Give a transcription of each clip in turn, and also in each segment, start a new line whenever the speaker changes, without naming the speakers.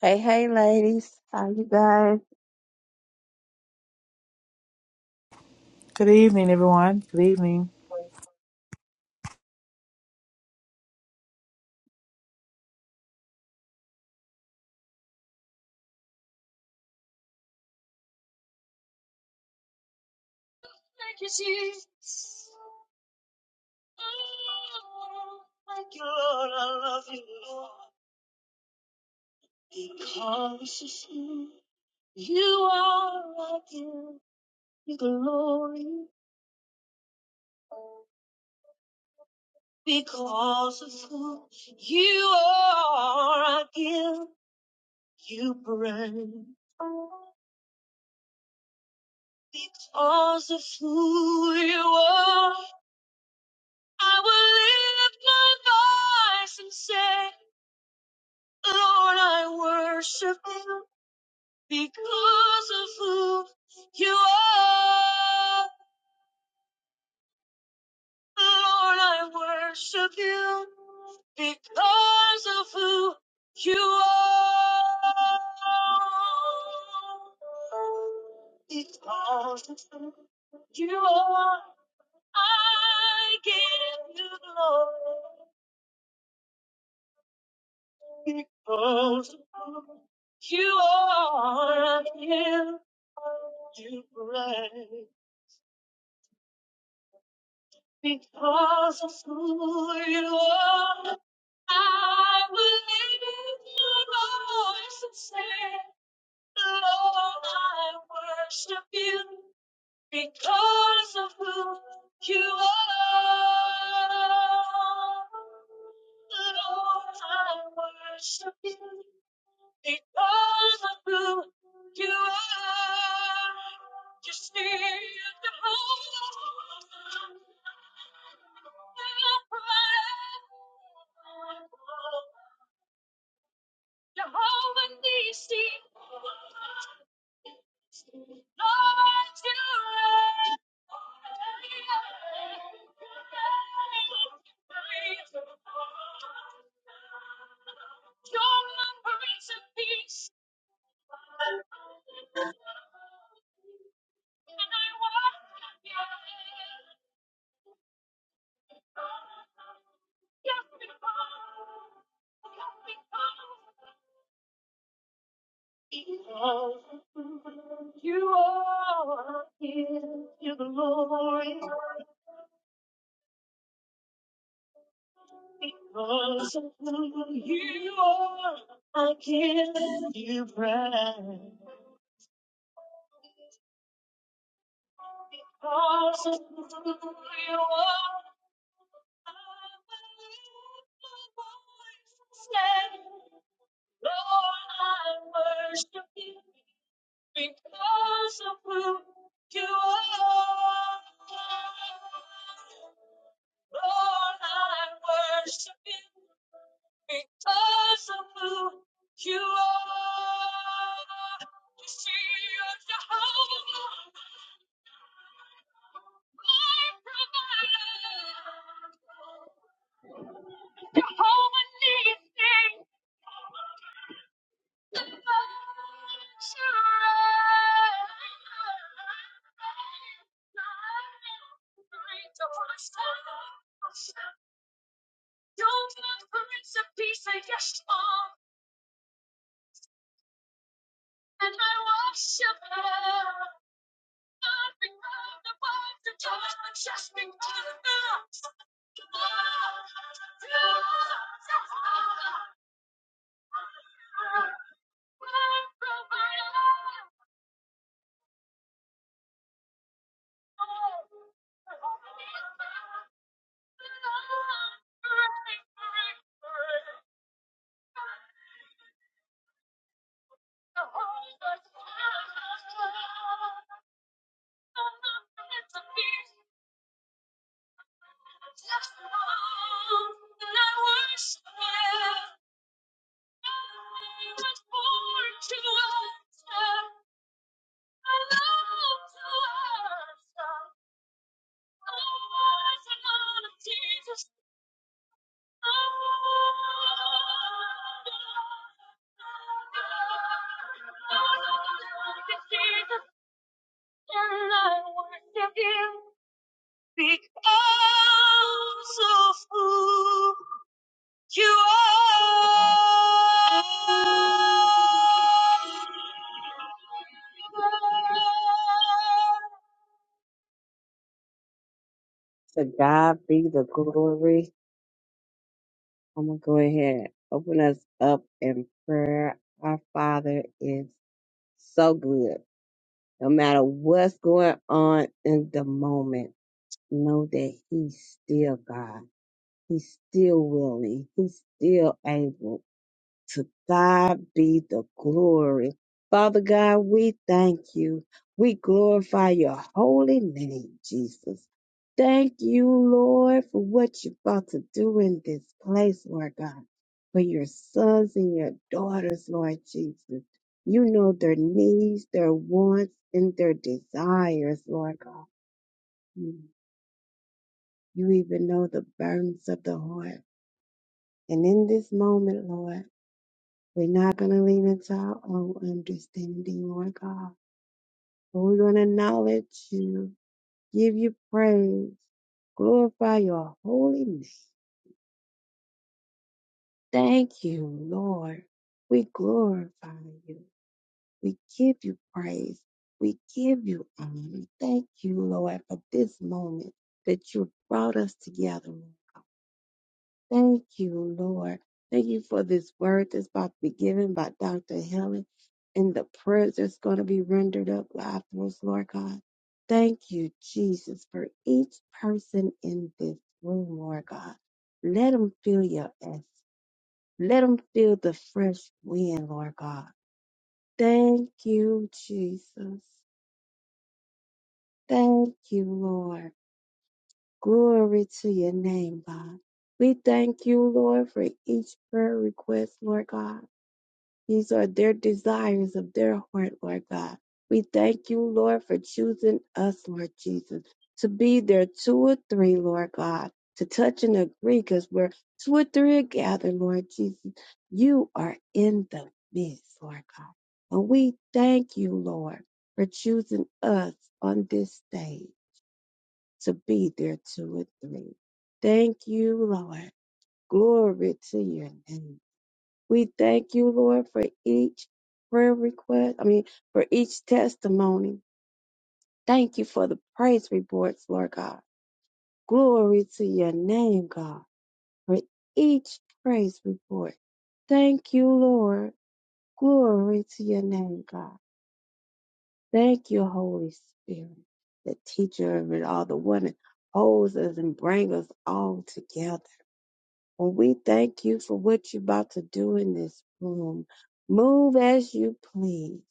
Hey, hey, ladies. How you guys?
Good evening, everyone. Good evening.
To God be the glory. I'm going to go ahead open us up in prayer. Our Father is so good. No matter what's going on in the moment, know that He's still God. He's still willing. He's still able. To God be the glory. Father God, we thank you. We glorify your holy name, Jesus. Thank you, Lord, for what you're about to do in this place, Lord God, for your sons and your daughters, Lord Jesus. You know their needs, their wants, and their desires, Lord God. You even know the burdens of the heart. And in this moment, Lord, We're not going to lean into our own understanding, Lord God. But we're going to acknowledge you, give you praise, glorify your holy name. Thank you, Lord. We glorify you. We give you praise. We give you honor. Thank you, Lord, for this moment that you brought us together. Thank you, Lord. Thank you for this word that's about to be given by Dr. Helen and the prayers that's going to be rendered up afterwards, Lord God. Thank you, Jesus, for each person in this room, Lord God. Let them feel your essence. Let them feel the fresh wind, Lord God. Thank you, Jesus. Thank you, Lord. Glory to your name, God. We thank you, Lord, for each prayer request, Lord God. These are their desires of their heart, Lord God. We thank you, Lord, for choosing us, Lord Jesus, to be there two or three, Lord God, to touch and agree because we're two or three are gathered, Lord Jesus. You are in the midst, Lord God. And we thank you, Lord, for choosing us on this day to be there two or three. Thank you, Lord. Glory to your name. We thank you, Lord, for each prayer request. I mean, for each testimony. Thank you for the praise reports, Lord God. Glory to your name, God, for each praise report. Thank you, Lord. Glory to your name, God. Thank you, Holy Spirit, the teacher of it all, the one that holds us and brings us all together. And we thank you for what you're about to do in this room. Move as you please.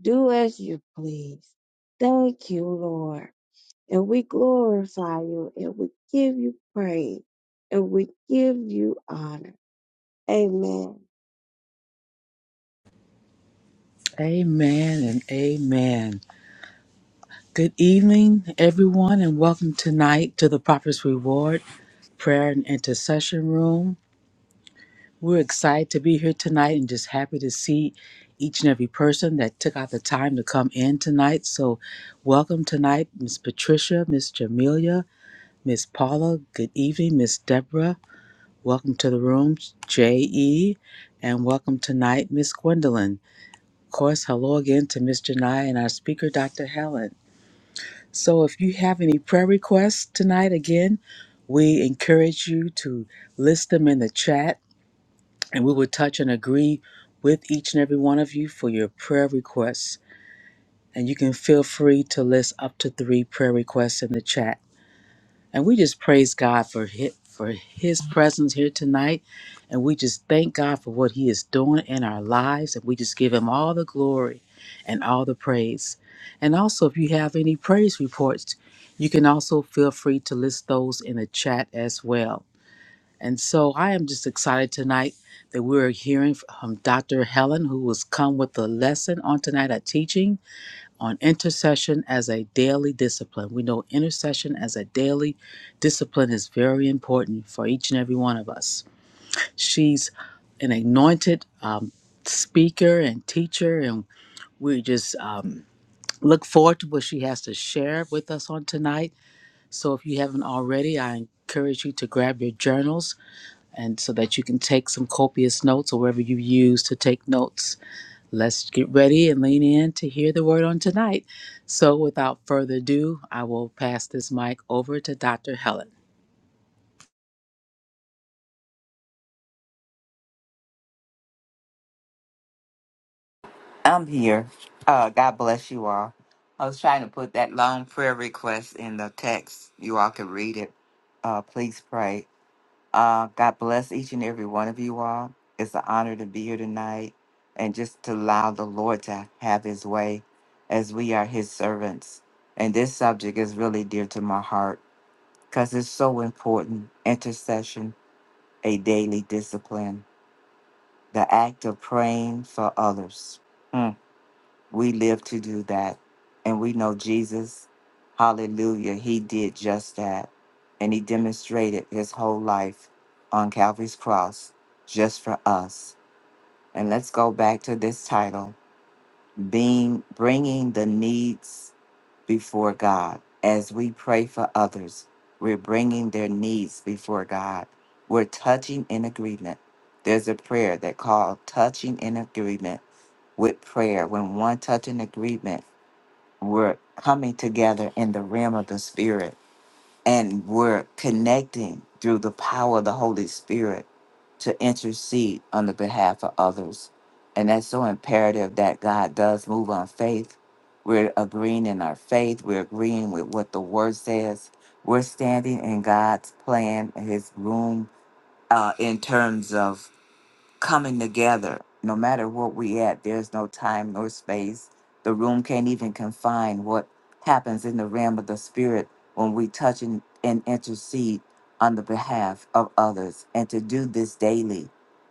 Do as you please. Thank you, Lord. And we glorify you and we give you praise and we give you honor. Amen.
Amen and amen. Good evening, everyone, and welcome tonight to the Prophet's Reward Prayer and Intercession Room. We're excited to be here tonight and just happy to see each and every person that took out the time to come in tonight. So, welcome tonight, Miss Patricia, Miss Jamelia, Miss Paula. Good evening, Miss Deborah. Welcome to the room, J.E., and welcome tonight, Miss Gwendolyn. Of course, hello again to Ms. Janai and our speaker, Dr. Helen. So, if you have any prayer requests tonight, again, we encourage you to list them in the chat and we will touch and agree with each and every one of you for your prayer requests. And you can feel free to list up to three prayer requests in the chat. And we just praise God for his, for his presence here tonight. And we just thank God for what he is doing in our lives. And we just give him all the glory and all the praise. And also, if you have any praise reports, you can also feel free to list those in the chat as well. And so I am just excited tonight that we're hearing from Dr. Helen, who has come with a lesson on tonight, a teaching on intercession as a daily discipline. We know intercession as a daily discipline is very important for each and every one of us. She's an anointed um, speaker and teacher, and we just um, look forward to what she has to share with us on tonight. So if you haven't already, I encourage you to grab your journals and so that you can take some copious notes or wherever you use to take notes Let's get ready and lean in to hear the word on tonight. So, without further ado, I will pass this mic over to Dr. Helen.
I'm here. Uh, God bless you all. I was trying to put that long prayer request in the text. You all can read it. Uh, please pray. Uh, God bless each and every one of you all. It's an honor to be here tonight and just to allow the Lord to have his way as we are his servants. And this subject is really dear to my heart because it's so important. Intercession, a daily discipline, the act of praying for others. Hmm. We live to do that. And we know Jesus, hallelujah, he did just that. And he demonstrated his whole life on Calvary's cross just for us. And let's go back to this title being bringing the needs before God. As we pray for others, we're bringing their needs before God. We're touching in agreement. There's a prayer that called touching in agreement with prayer. When one touch in agreement we're coming together in the realm of the spirit and we're connecting through the power of the Holy Spirit to intercede on the behalf of others. And that's so imperative that God does move on faith. We're agreeing in our faith, we're agreeing with what the word says. We're standing in God's plan, his room, uh, in terms of coming together. No matter what we at, there's no time nor space. The room can't even confine what happens in the realm of the spirit when we touch and, and intercede on the behalf of others. And to do this daily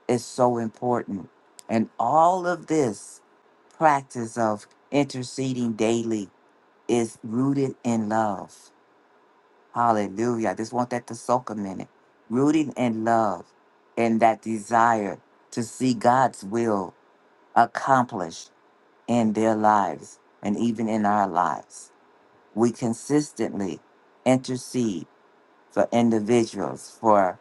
is so important. And all of this practice of interceding daily is rooted in love Hallelujah. I just want that to soak a minute. Rooting in love and that desire to see God's will accomplished in their lives and even in our lives. We consistently intercede for individuals, for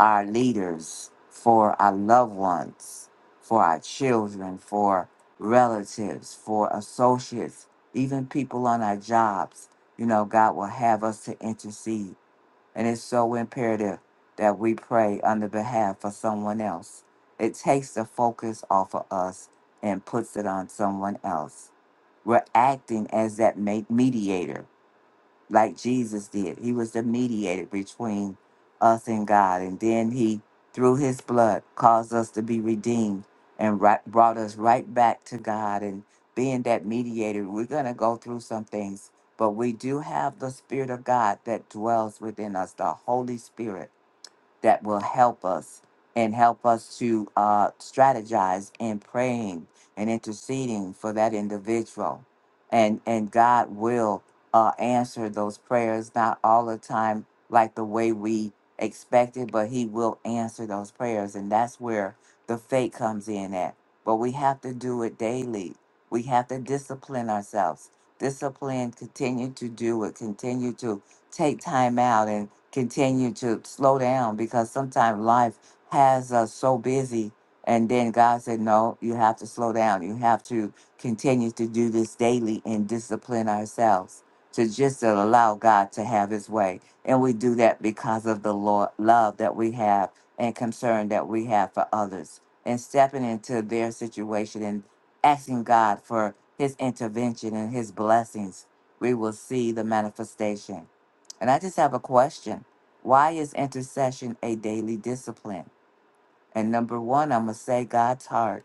our leaders, for our loved ones, for our children, for relatives, for associates, even people on our jobs. You know, God will have us to intercede and it's so imperative that we pray on the behalf of someone else. It takes the focus off of us and puts it on someone else. We're acting as that ma- mediator like Jesus did. He was the mediator between us and God. And then he, through his blood, caused us to be redeemed and right, brought us right back to God. And being that mediator, we're going to go through some things, but we do have the Spirit of God that dwells within us, the Holy Spirit that will help us and help us to uh, strategize in praying and interceding for that individual. And, and God will uh, answer those prayers, not all the time like the way we expected, but He will answer those prayers. And that's where the faith comes in at. But we have to do it daily. We have to discipline ourselves. Discipline, continue to do it, continue to take time out and continue to slow down because sometimes life has us so busy. And then God said, No, you have to slow down. You have to continue to do this daily and discipline ourselves to just allow God to have his way. And we do that because of the Lord, love that we have and concern that we have for others and stepping into their situation and asking God for his intervention and his blessings. We will see the manifestation. And I just have a question. Why is intercession a daily discipline? And number one, I'm going to say God's heart.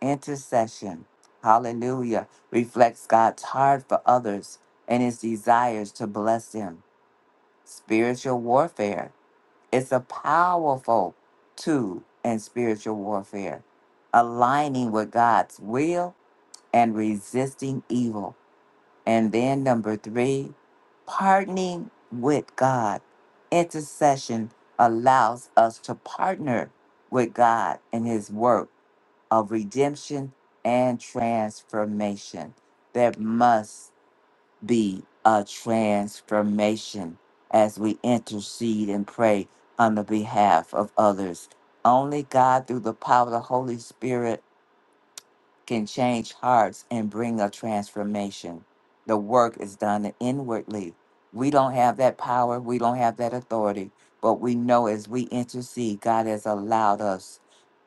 Intercession, hallelujah, reflects God's heart for others and his desires to bless them. Spiritual warfare, it's a powerful tool in spiritual warfare, aligning with God's will and resisting evil. And then number three, partnering with God. Intercession allows us to partner with God in his work of redemption and transformation. There must be a transformation as we intercede and pray on the behalf of others. Only God, through the power of the Holy Spirit, can change hearts and bring a transformation. The work is done inwardly. We don't have that power, we don't have that authority, but we know as we intercede, God has allowed us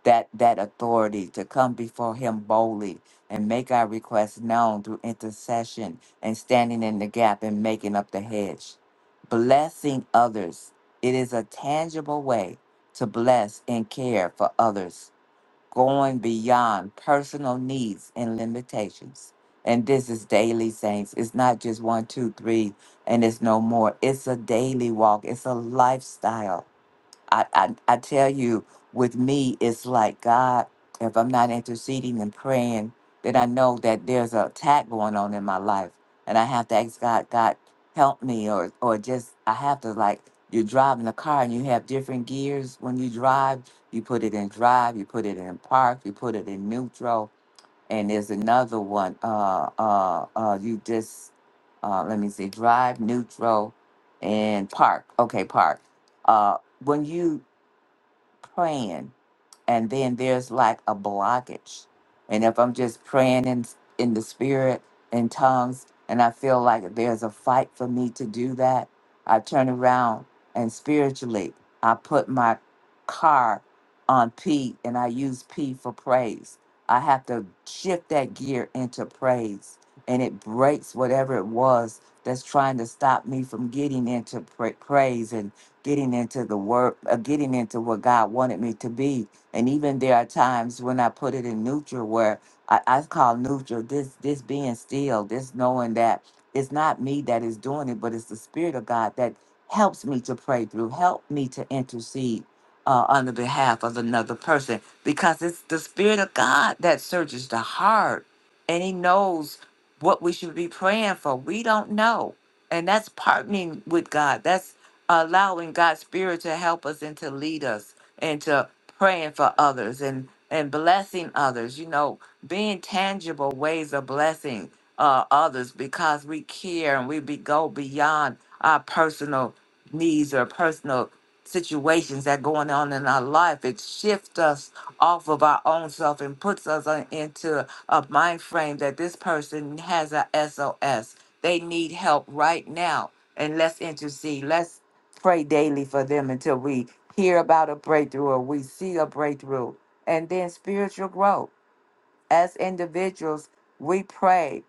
that that authority to come before him boldly and make our requests known through intercession and standing in the gap and making up the hedge. Blessing others. It is a tangible way to bless and care for others going beyond personal needs and limitations. And this is daily, saints. It's not just one, two, three, and it's no more. It's a daily walk, it's a lifestyle. I, I, I tell you, with me, it's like God, if I'm not interceding and praying, then I know that there's an attack going on in my life. And I have to ask God, God, help me, or, or just, I have to, like, you're driving a car and you have different gears when you drive. You put it in drive, you put it in park, you put it in neutral. And there's another one. Uh, uh, uh, you just, uh, let me see, drive, neutral, and park. Okay, park. Uh, when you plan and then there's like a blockage. And if I'm just praying in in the spirit in tongues and I feel like there's a fight for me to do that, I turn around and spiritually I put my car on P and I use P for praise. I have to shift that gear into praise and it breaks whatever it was that's trying to stop me from getting into pra- praise and getting into the word, uh, getting into what God wanted me to be and even there are times when I put it in neutral where I, I call neutral this this being still, this knowing that it's not me that is doing it, but it's the spirit of God that helps me to pray through, help me to intercede uh, on the behalf of another person because it's the spirit of God that searches the heart and he knows what we should be praying for. We don't know and that's partnering with God. That's allowing God's spirit to help us and to lead us and to praying for others and and blessing others. You know, being tangible ways of blessing uh, others because we care and we be, go beyond our personal needs or personal situations that going on in our life it shifts us off of our own self and puts us on, into a mind frame that this person has a S O S. they need help right now and let's intercede let's pray daily for them until we hear about a breakthrough or we see a breakthrough and then spiritual growth as individuals, we pray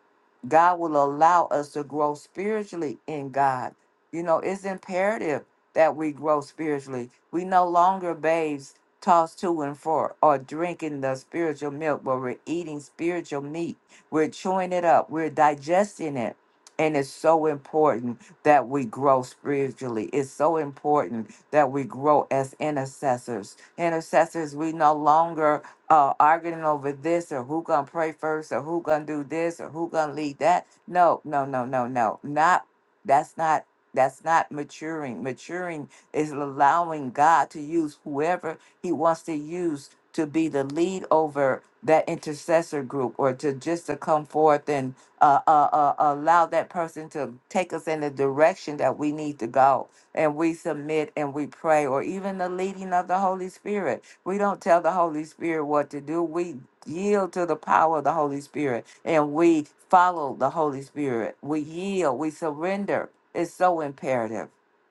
God will allow us to grow spiritually in God. You know, it's imperative that we grow spiritually. We no longer babes tossed to and fro or drinking the spiritual milk, but we're eating spiritual meat. We're chewing it up, we're digesting it. And it's so important that we grow spiritually. It's so important that we grow as intercessors. Intercessors, we no longer uh, arguing over this or who gonna pray first or who gonna do this or who gonna lead that. No, no, no, no, no. Not that's not that's not maturing. Maturing is allowing God to use whoever He wants to use to be the lead over that intercessor group or to just to come forth and uh, uh, uh, allow that person to take us in the direction that we need to go and we submit and we pray, or even the leading of the Holy Spirit. We don't tell the Holy Spirit what to do. We yield to the power of the Holy Spirit and we follow the Holy Spirit. We yield, we surrender. It's so imperative.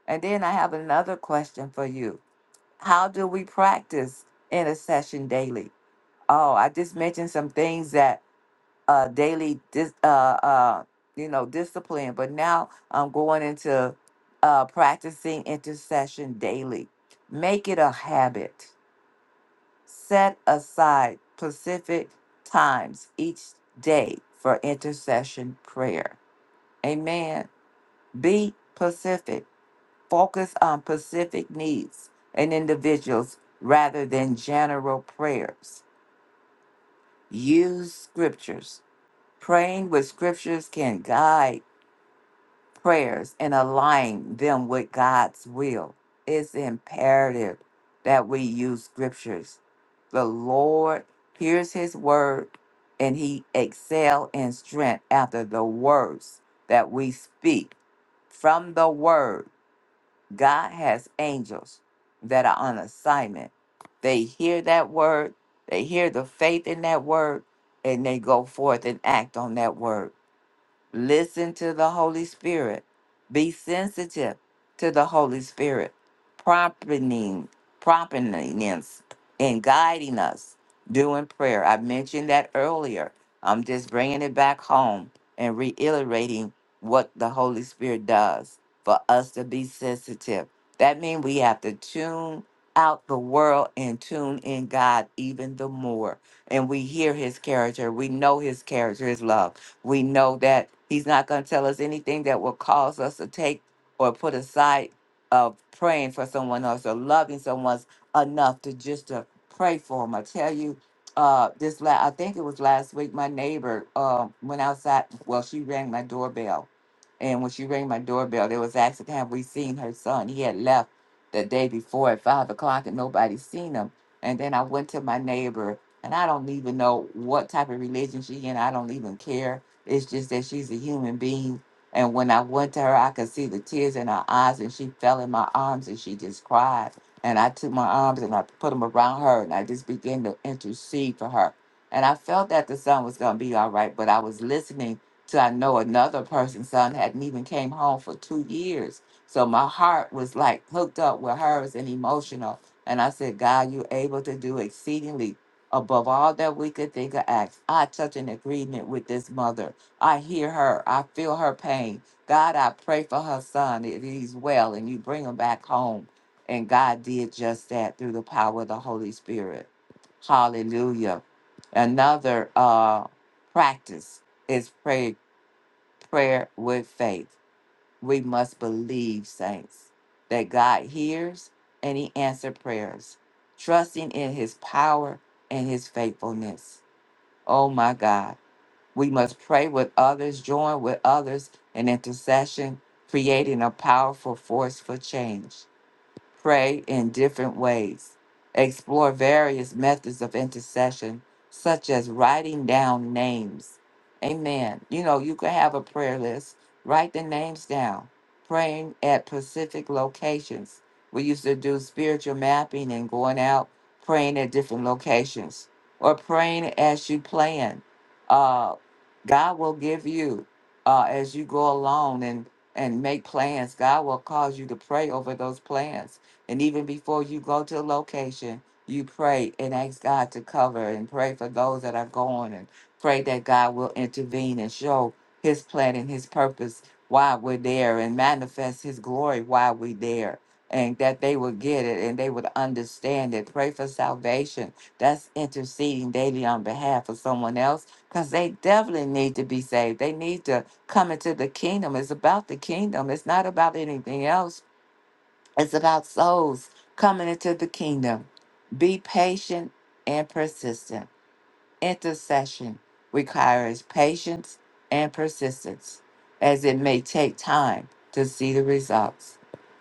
And then I have another question for you How do we practice intercession daily? Oh, I just mentioned some things that uh, daily dis- uh, uh, you know discipline but now i'm going into uh, practicing intercession daily make it a habit set aside specific times each day for intercession prayer amen be pacific focus on pacific needs and individuals rather than general prayers use scriptures praying with scriptures can guide prayers and align them with God's will. It's imperative that we use scriptures. The Lord hears his word and he excel in strength after the words that we speak. From the word, God has angels that are on assignment. They hear that word, they hear the faith in that word, and they go forth and act on that word Listen to the Holy Spirit. Be sensitive to the Holy Spirit, prompting, prompting us and guiding us doing prayer. I mentioned that earlier. I'm just bringing it back home and reiterating what the Holy Spirit does for us to be sensitive. That means we have to tune out the world and tune in God even the more. And we hear his character. We know his character, his love. We know that He's not going to tell us anything that will cause us to take or put aside of praying for someone else or loving someone enough to just to pray for them. I tell you, uh, this la- I think it was last week. My neighbor um, went outside. Well, she rang my doorbell, and when she rang my doorbell, there was asking, "Have we seen her son?" He had left the day before at five o'clock, and nobody seen him. And then I went to my neighbor, and I don't even know what type of religion she in. I don't even care it's just that she's a human being. And when I went to her, I could see the tears in her eyes, and she fell in my arms and she just cried. And I took my arms and I put them around her, and I just began to intercede for her. And I felt that the son was going to be all right, but I was listening to I know another person's son hadn't even came home for two years. So my heart was like hooked up with hers and emotional. And I said, God, you're able to do exceedingly above all that we could think or act. I touch an agreement with this mother I hear her. I feel her pain. God, I pray for her son that he's well and you bring him back home. And God did just that through the power of the Holy Spirit. Hallelujah. Another uh, practice is pray, prayer with faith. We must believe, saints, that God hears and he answers prayers, trusting in his power and his faithfulness. Oh my God. We must pray with others, join with others in intercession, creating a powerful force for change pray in different ways, explore various methods of intercession, such as writing down names. Amen. You know, you could have a prayer list, write the names down, praying at specific locations. We used to do spiritual mapping and going out praying at different locations or praying as you plan. Uh, God will give you uh, as you go along and, and make plans. God will cause you to pray over those plans and even before you go to a location, you pray and ask God to cover and pray for those that are going and pray that God will intervene and show his plan and his purpose while we're there and manifest his glory while we're there. And that they would get it and they would understand it. Pray for salvation. That's interceding daily on behalf of someone else because they definitely need to be saved. They need to come into the kingdom. It's about the kingdom, it's not about anything else it's about souls coming into the kingdom. Be patient and persistent. Intercession requires patience and persistence, as it may take time to see the results.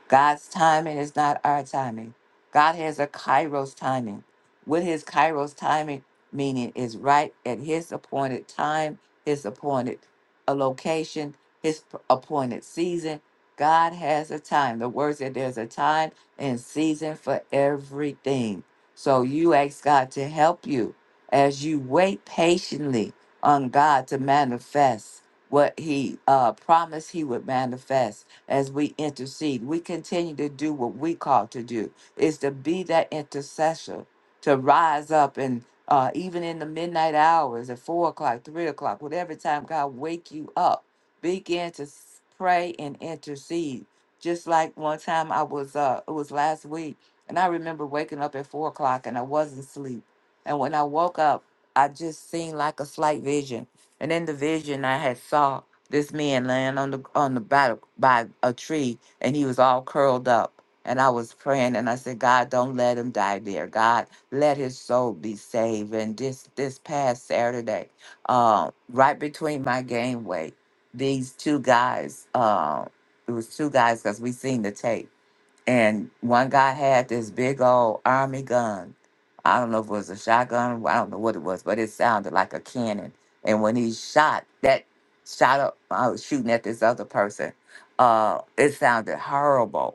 God's timing is not our timing. God has a Kairos timing. With his Kairos timing, meaning is right at his appointed time, his appointed a location, his p- appointed season. God has a time. The word said there's a time and season for everything. So you ask God to help you as you wait patiently on God to manifest what He uh, promised He would manifest as we intercede, we continue to do what we call to do is to be that intercessor, to rise up and uh, even in the midnight hours at four o'clock, three o'clock, whatever time God wake you up, begin to s- pray and intercede. Just like one time I was, uh, it was last week, and I remember waking up at four o'clock and I wasn't asleep and when I woke up, I just seen like a slight vision. And in the vision, I had saw this man laying on the on the by, by a tree, and he was all curled up. And I was praying, and I said, God, don't let him die there. God, let his soul be saved. And this this past Saturday, uh, right between my game weight, these two guys, uh, it was two guys because we seen the tape and one guy had this big old army gun. I don't know if it was a shotgun. I don't know what it was, but it sounded like a cannon. And when he shot, that shot up, I was shooting at this other person. Uh, it sounded horrible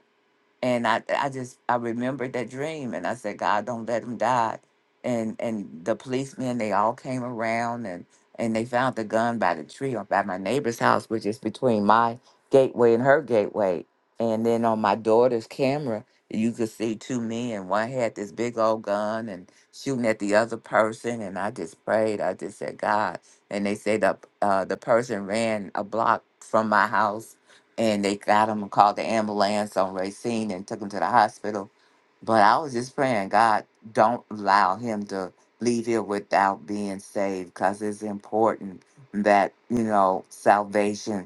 and I I just I remembered that dream and I said, God, don't let him die. And and the policemen they all came around and and they found the gun by the tree or by my neighbor's house, which is between my gateway and her gateway. And then on my daughter's camera, you could see two men. One had this big old gun and shooting at the other person. And I just prayed. I just said, God. And they said the uh, the person ran a block from my house and they got him and called the ambulance on Racine and took him to the hospital. But I was just praying, God, don't allow him to leave here without being saved because it's important that, you know, salvation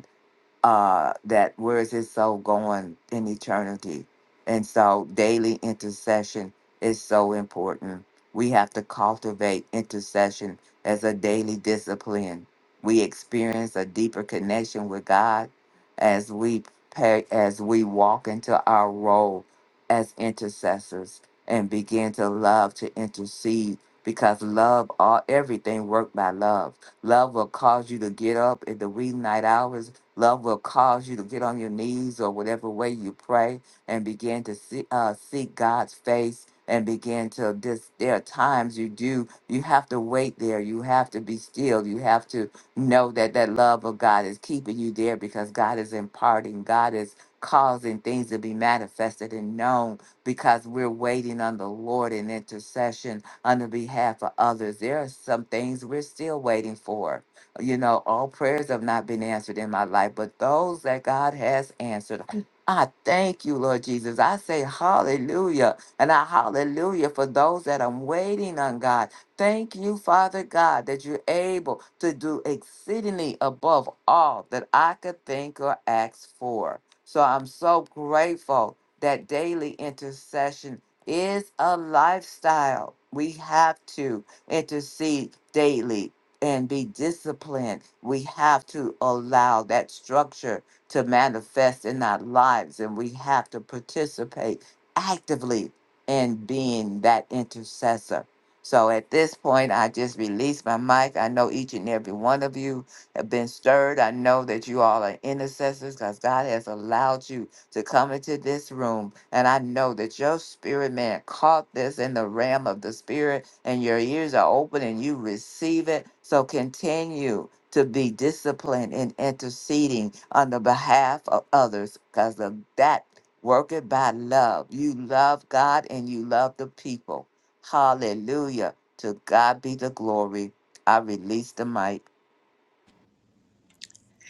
uh, that where is his soul going in eternity? And so daily intercession is so important. We have to cultivate intercession as a daily discipline. We experience a deeper connection with God as we pay, as we walk into our role as intercessors and begin to love to intercede because love all everything worked by love. Love will cause you to get up in the wee night hours Love will cause you to get on your knees or whatever way you pray and begin to see, uh, seek God's face and begin to this there are times you do you have to wait there you have to be still you have to know that that love of god is keeping you there because god is imparting god is causing things to be manifested and known because we're waiting on the lord in intercession on the behalf of others there are some things we're still waiting for you know, all prayers have not been answered in my life, but those that God has answered, I thank you, Lord Jesus. I say hallelujah. And I hallelujah for those that I'm waiting on, God. Thank you, Father God, that you're able to do exceedingly above all that I could think or ask for. So I'm so grateful that daily intercession is a lifestyle. We have to intercede daily and be disciplined. We have to allow that structure to manifest in our lives, and we have to participate actively in being that intercessor. So at this point, I just release my mic. I know each and every one of you have been stirred. I know that you all are intercessors because God has allowed you to come into this room. And I know that your spirit man caught this in the realm of the spirit and your ears are open and you receive it. So continue to be disciplined in interceding on the behalf of others because of that worketh by love. You love God and you love the people. Hallelujah. To God be the glory. I release the mic.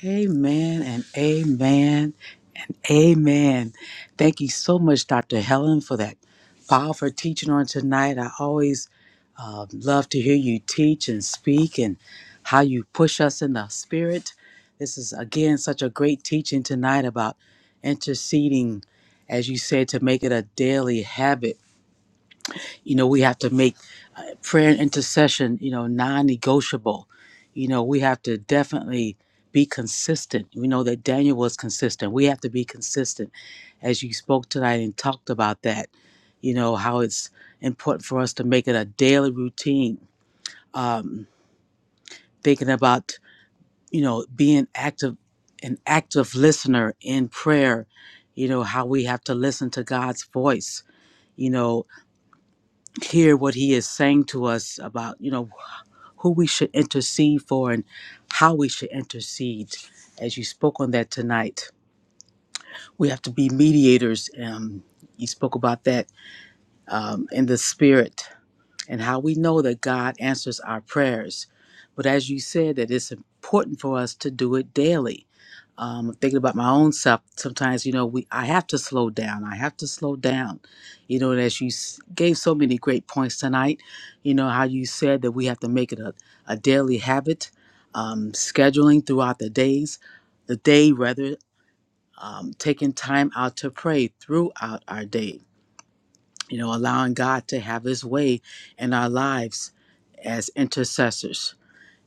Amen and amen and amen. Thank you so much, Dr. Helen, for that powerful teaching on tonight. I always uh, love to hear you teach and speak and how you push us in the spirit. This is, again, such a great teaching tonight about interceding, as you said, to make it a daily habit You know, we have to make uh, prayer and intercession, you know, non negotiable. You know, we have to definitely be consistent. We know that Daniel was consistent. We have to be consistent as you spoke tonight and talked about that. You know, how it's important for us to make it a daily routine. Um, thinking about, you know, being active, an active listener in prayer, you know, how we have to listen to God's voice, you know, hear what he is saying to us about you know who we should intercede for and how we should intercede. As you spoke on that tonight, we have to be mediators. Um, you spoke about that um, in the spirit and how we know that God answers our prayers. But as you said, that it's important for us to do it daily. Um, thinking about my own self, sometimes you know we I have to slow down. I have to slow down. You know, and as you s- gave so many great points tonight, you know how you said that we have to make it a, a daily habit, um, scheduling throughout the days, the day rather, um, taking time out to pray throughout our day you know, allowing God to have his way in our lives as intercessors.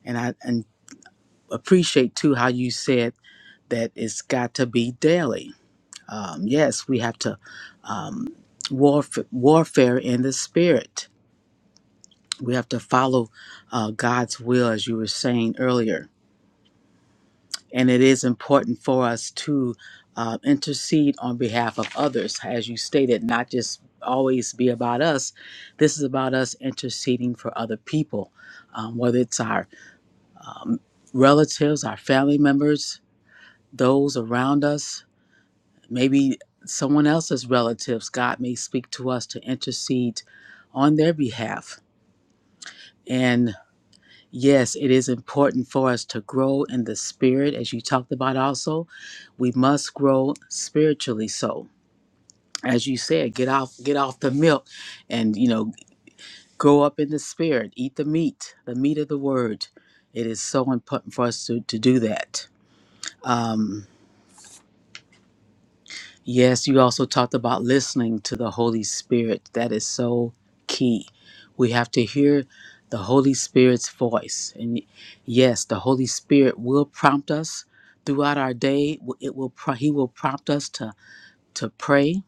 And I and appreciate too how you said that it's got to be daily. Um, yes, we have to um, warf- warfare in the spirit. We have to follow uh, God's will, as you were saying earlier and it is important for us to uh, intercede on behalf of others, as you stated, not just always be about us. This is about us interceding for other people, um, whether it's our um, relatives, our family members, those around us, maybe someone else's relatives. God may speak to us to intercede on their behalf. And Yes, it is important for us to grow in the spirit, as you talked about also. We must grow spiritually so. As you said, get off get off the milk and you know, grow up in the spirit, eat the meat, the meat of the word. It is so important for us to, to do that. Um, Yes, you also talked about listening to the Holy Spirit. That is so key. We have to hear the Holy Spirit's voice. And yes, the Holy Spirit will prompt us throughout our day. It will pro- he will prompt us to to pray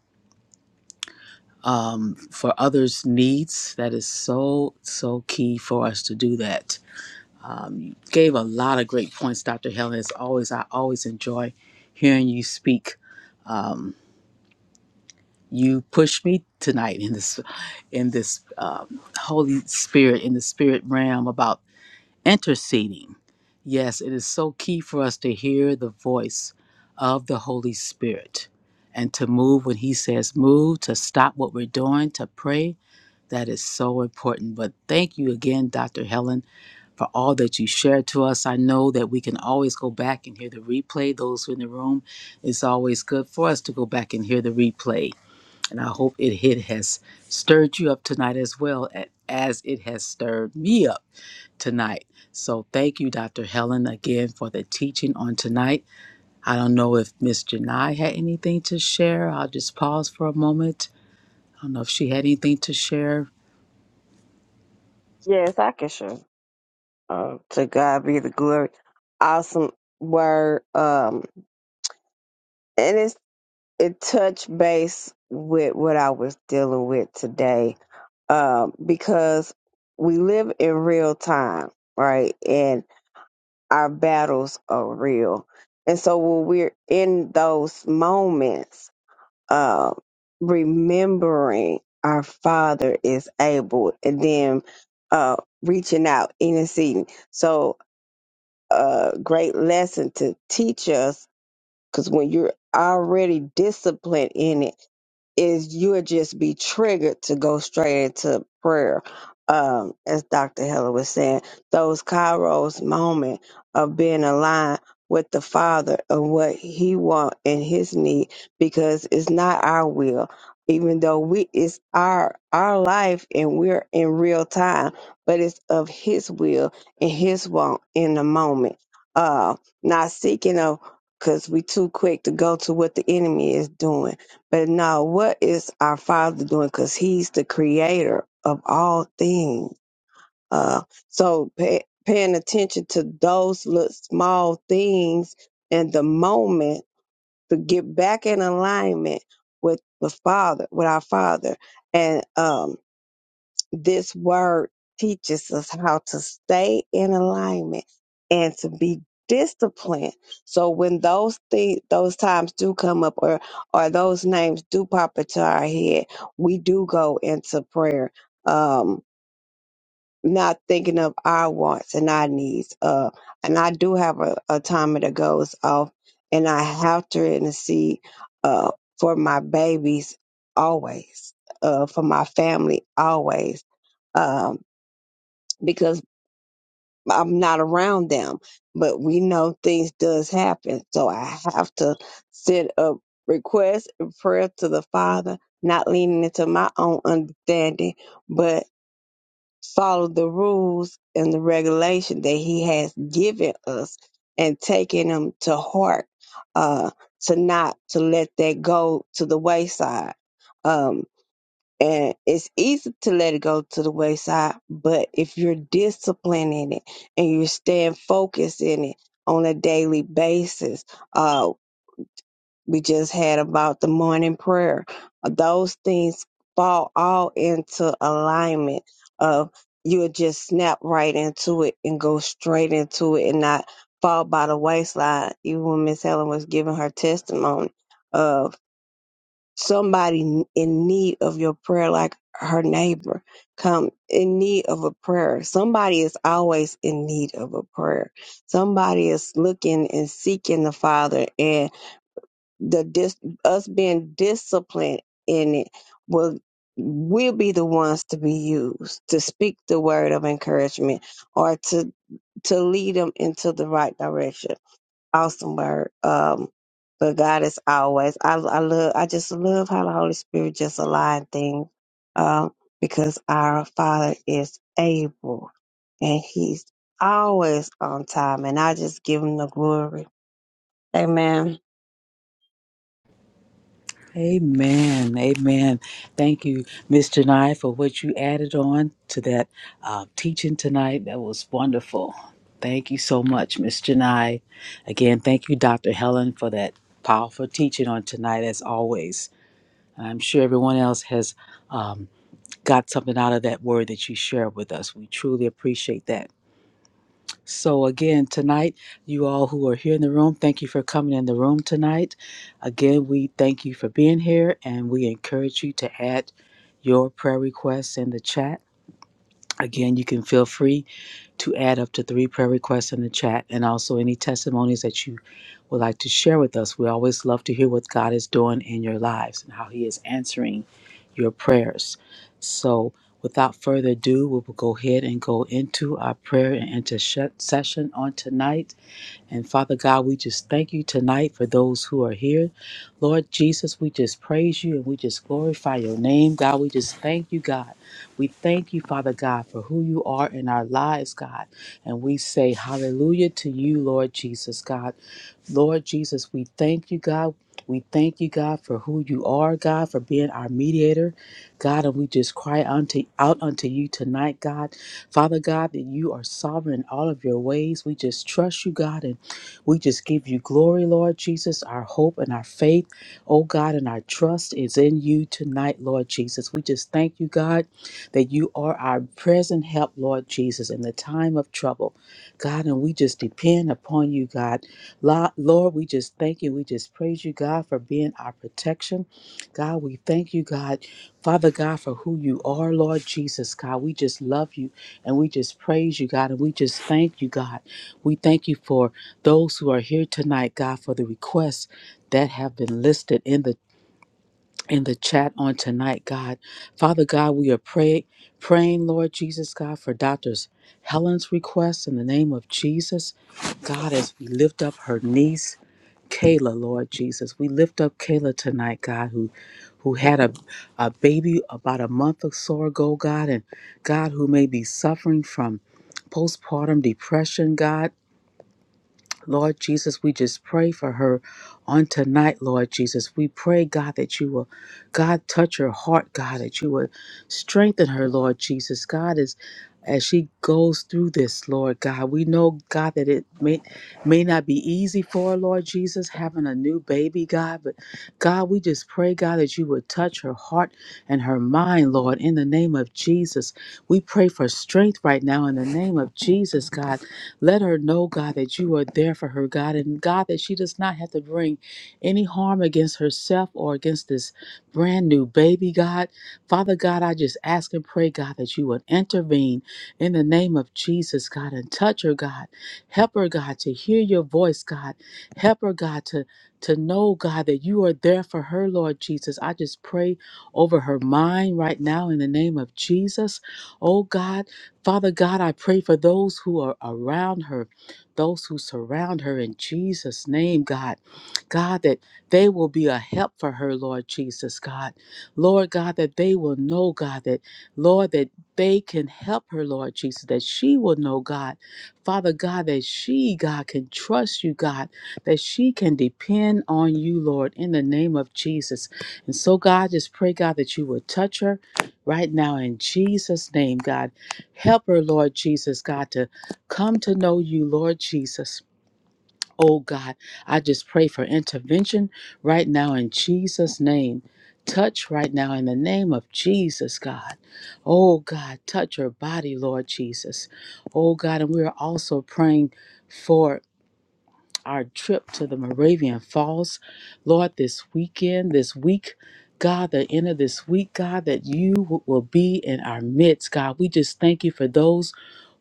um, for others' needs. That is so so key for us to do that. Um, you gave a lot of great points, Dr. Helen. As always, I always enjoy hearing you speak. um, you pushed me tonight in this in this um, holy spirit in the spirit realm about interceding yes it is so key for us to hear the voice of the holy spirit and to move when he says move to stop what we're doing to pray that is so important but thank you again dr helen for all that you shared to us. I know that we can always go back and hear the replay. Those in the room, it's always good for us to go back and hear the replay and I hope it, it has stirred you up tonight as well a- as it has stirred me up tonight. So thank you, Dr. Helen, again for the teaching on tonight. I don't know if Miss Janai had anything to share. I'll just pause for a moment. I don't know if she had anything to share.
Yes, I can sure. Uh, to God be the glory. Awesome word. Um, and it's it touched base with what I was dealing with today. Um, because we live in real time, right? And our battles are real. And so when we're in those moments, uh, remembering our Father is able and then uh, reaching out, interceding. So, a great lesson to teach us because when you're already disciplined in it, is you'll just be triggered to go straight into prayer. Um, as Dr. Heller was saying, those Kairos moment of being aligned with the Father and what He want and His need, because it's not our will, even though we it's our our life and we're in real time, but it's of His will and His want in the moment. Uh, not seeking of because we too quick to go to what the enemy is doing. But now, what is our Father doing? Because He's the Creator of all things. Uh, so pay, paying attention to those little small things and the moment to get back in alignment with the Father, with our Father, and um this word teaches us how to stay in alignment and to be disciplined. So when those things, those times do come up, or or those names do pop into our head, we do go into prayer. Um, not thinking of our wants and our needs. Uh, and I do have a, a timer that goes off, and I have to intercede uh, for my babies always, uh, for my family always, um, because I'm not around them. But we know things does happen, so I have to send a request and prayer to the Father, not leaning into my own understanding, but follow the rules and the regulation that he has given us and taking them to heart uh to not to let that go to the wayside um and it's easy to let it go to the wayside but if you're disciplined in it and you are staying focused in it on a daily basis uh, we just had about the morning prayer. Those things fall all into alignment of you'll just snap right into it and go straight into it and not fall by the wayside. Even when Miss Helen was giving her testimony of somebody in need of your prayer, like her neighbor come in need of a prayer. Somebody is always in need of a prayer. Somebody is looking and seeking the Father and the dis us being disciplined in it will will be the ones to be used to speak the word of encouragement or to to lead them into the right direction. Awesome word. Um but God is always I I love I just love how the Holy Spirit just align things um because our Father is able and He's always on time and I just give him the glory. Amen.
Amen. Amen. Thank you, Ms. Janai, for what you added on to that uh, teaching tonight. That was wonderful. Thank you so much, Ms. Janai. Again, thank you, Dr. Helen, for that powerful teaching on tonight, as always. And I'm sure everyone else has um, got something out of that word that you shared with us. We truly appreciate that. So, again, tonight, you all who are here in the room, thank you for coming in the room tonight. Again, we thank you for being here and we encourage you to add your prayer requests in the chat. Again, you can feel free to add up to three prayer requests in the chat and also any testimonies that you would like to share with us. We always love to hear what God is doing in your lives and how He is answering your prayers. So, without further ado, we will go ahead and go into our prayer and intercession on tonight. And Father God, we just thank you tonight for those who are here. Lord Jesus, we just praise you and we just glorify your name. God, we just thank you, God. We thank you, Father God, for who you are in our lives, God. And we say hallelujah to you, Lord Jesus, God. Lord Jesus, we thank you, God. We thank you, God, for who you are, God, for being our mediator, God. And we just cry unto, out unto you tonight, God. Father God, that you are sovereign in all of your ways. We just trust you, God, and we just give you glory, Lord Jesus. Our hope and our faith, oh God, and our trust is in you tonight, Lord Jesus. We just thank you, God, that you are our present help, Lord Jesus, in the time of trouble, God. And we just depend upon you, God. Lo- Lord, we just thank you. We just praise you, God, for being our protection. God, we thank you, God, Father God, for who you are, Lord Jesus, God. We just love you and we just praise you, God, and we just thank you, God. We thank you for those who are here tonight, God, for the requests that have been listed in the in the chat on tonight, God. Father God, we are pray, praying, Lord Jesus, God, for doctors Helen's request in the name of Jesus. God, as we lift up her niece, Kayla, Lord Jesus. We lift up Kayla tonight, God, who who had a, a baby about a month or so ago, God, and God who may be suffering from postpartum depression, God Lord Jesus, we just pray for her on tonight, Lord Jesus. We pray, God, that you will, God, touch her heart, God, that you will strengthen her, Lord Jesus. God, is as she goes through this, Lord God, we know, God, that it may, may not be easy for her, Lord Jesus, having a new baby, God. But God, we just pray, God, that you would touch her heart and her mind, Lord, in the name of Jesus. We pray for strength right now in the name of Jesus, God. Let her know, God, that you are there for her, God, and God, that she does not have to bring any harm against herself or against this brand new baby, God. Father God, I just ask and pray, God, that you would intervene in the name of Jesus, God, and touch her, God. Help her, God, to hear your voice, God. Help her, God, to to know, God, that you are there for her, Lord Jesus. I just pray over her mind right now in the name of Jesus. Oh God. Father God, I pray for those who are around her, those who surround her in Jesus' name, God. God, that they will be a help for her, Lord Jesus, God. Lord God, that they will know, God, that, Lord, that they can help her, Lord Jesus, that she will know, God. Father God, that she, God, can trust you, God, that she can depend on you, Lord, in the name of Jesus. And so, God, just pray, God, that you will touch her right now in Jesus' name, God. Help her, Lord Jesus, God, to come to know you, Lord Jesus. Oh God, I just pray for intervention right now in Jesus' name. Touch right now in the name of Jesus, God. Oh God, touch her body, Lord Jesus. Oh God, and we are also praying for our trip to the Moravian Falls, Lord, this weekend, this week. God, the end of this week, God, that you w- will be in our midst, God. We just thank you for those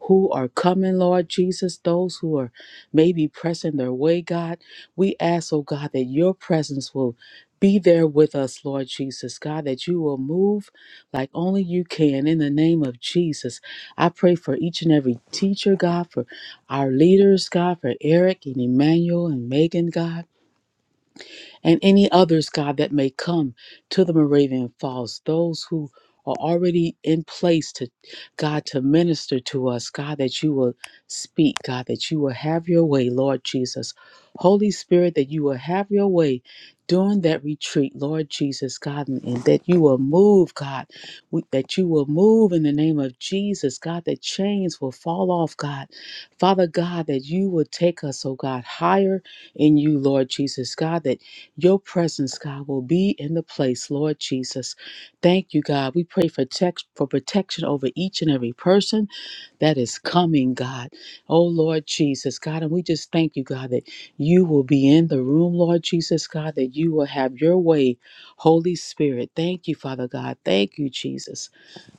who are coming, Lord Jesus, those who are maybe pressing their way, God. We ask, oh God, that your presence will be there with us, Lord Jesus, God, that you will move like only you can in the name of Jesus. I pray for each and every teacher, God, for our leaders, God, for Eric and Emmanuel and Megan, God and any others, God, that may come to the Moravian Falls, those who are already in place to God to minister to us, God, that you will speak, God, that you will have your way, Lord Jesus. Holy Spirit, that you will have your way during that retreat, Lord Jesus, God, and, and that you will move, God, we, that you will move in the name of Jesus, God, that chains will fall off, God. Father God, that you will take us, oh God, higher in you, Lord Jesus, God, that your presence, God, will be in the place, Lord Jesus. Thank you, God. We pray for text for protection over each and every person that is coming, God. Oh Lord Jesus, God, and we just thank you, God, that you will be in the room, Lord Jesus, God, that you will have your way, Holy Spirit. Thank you, Father God. Thank you, Jesus.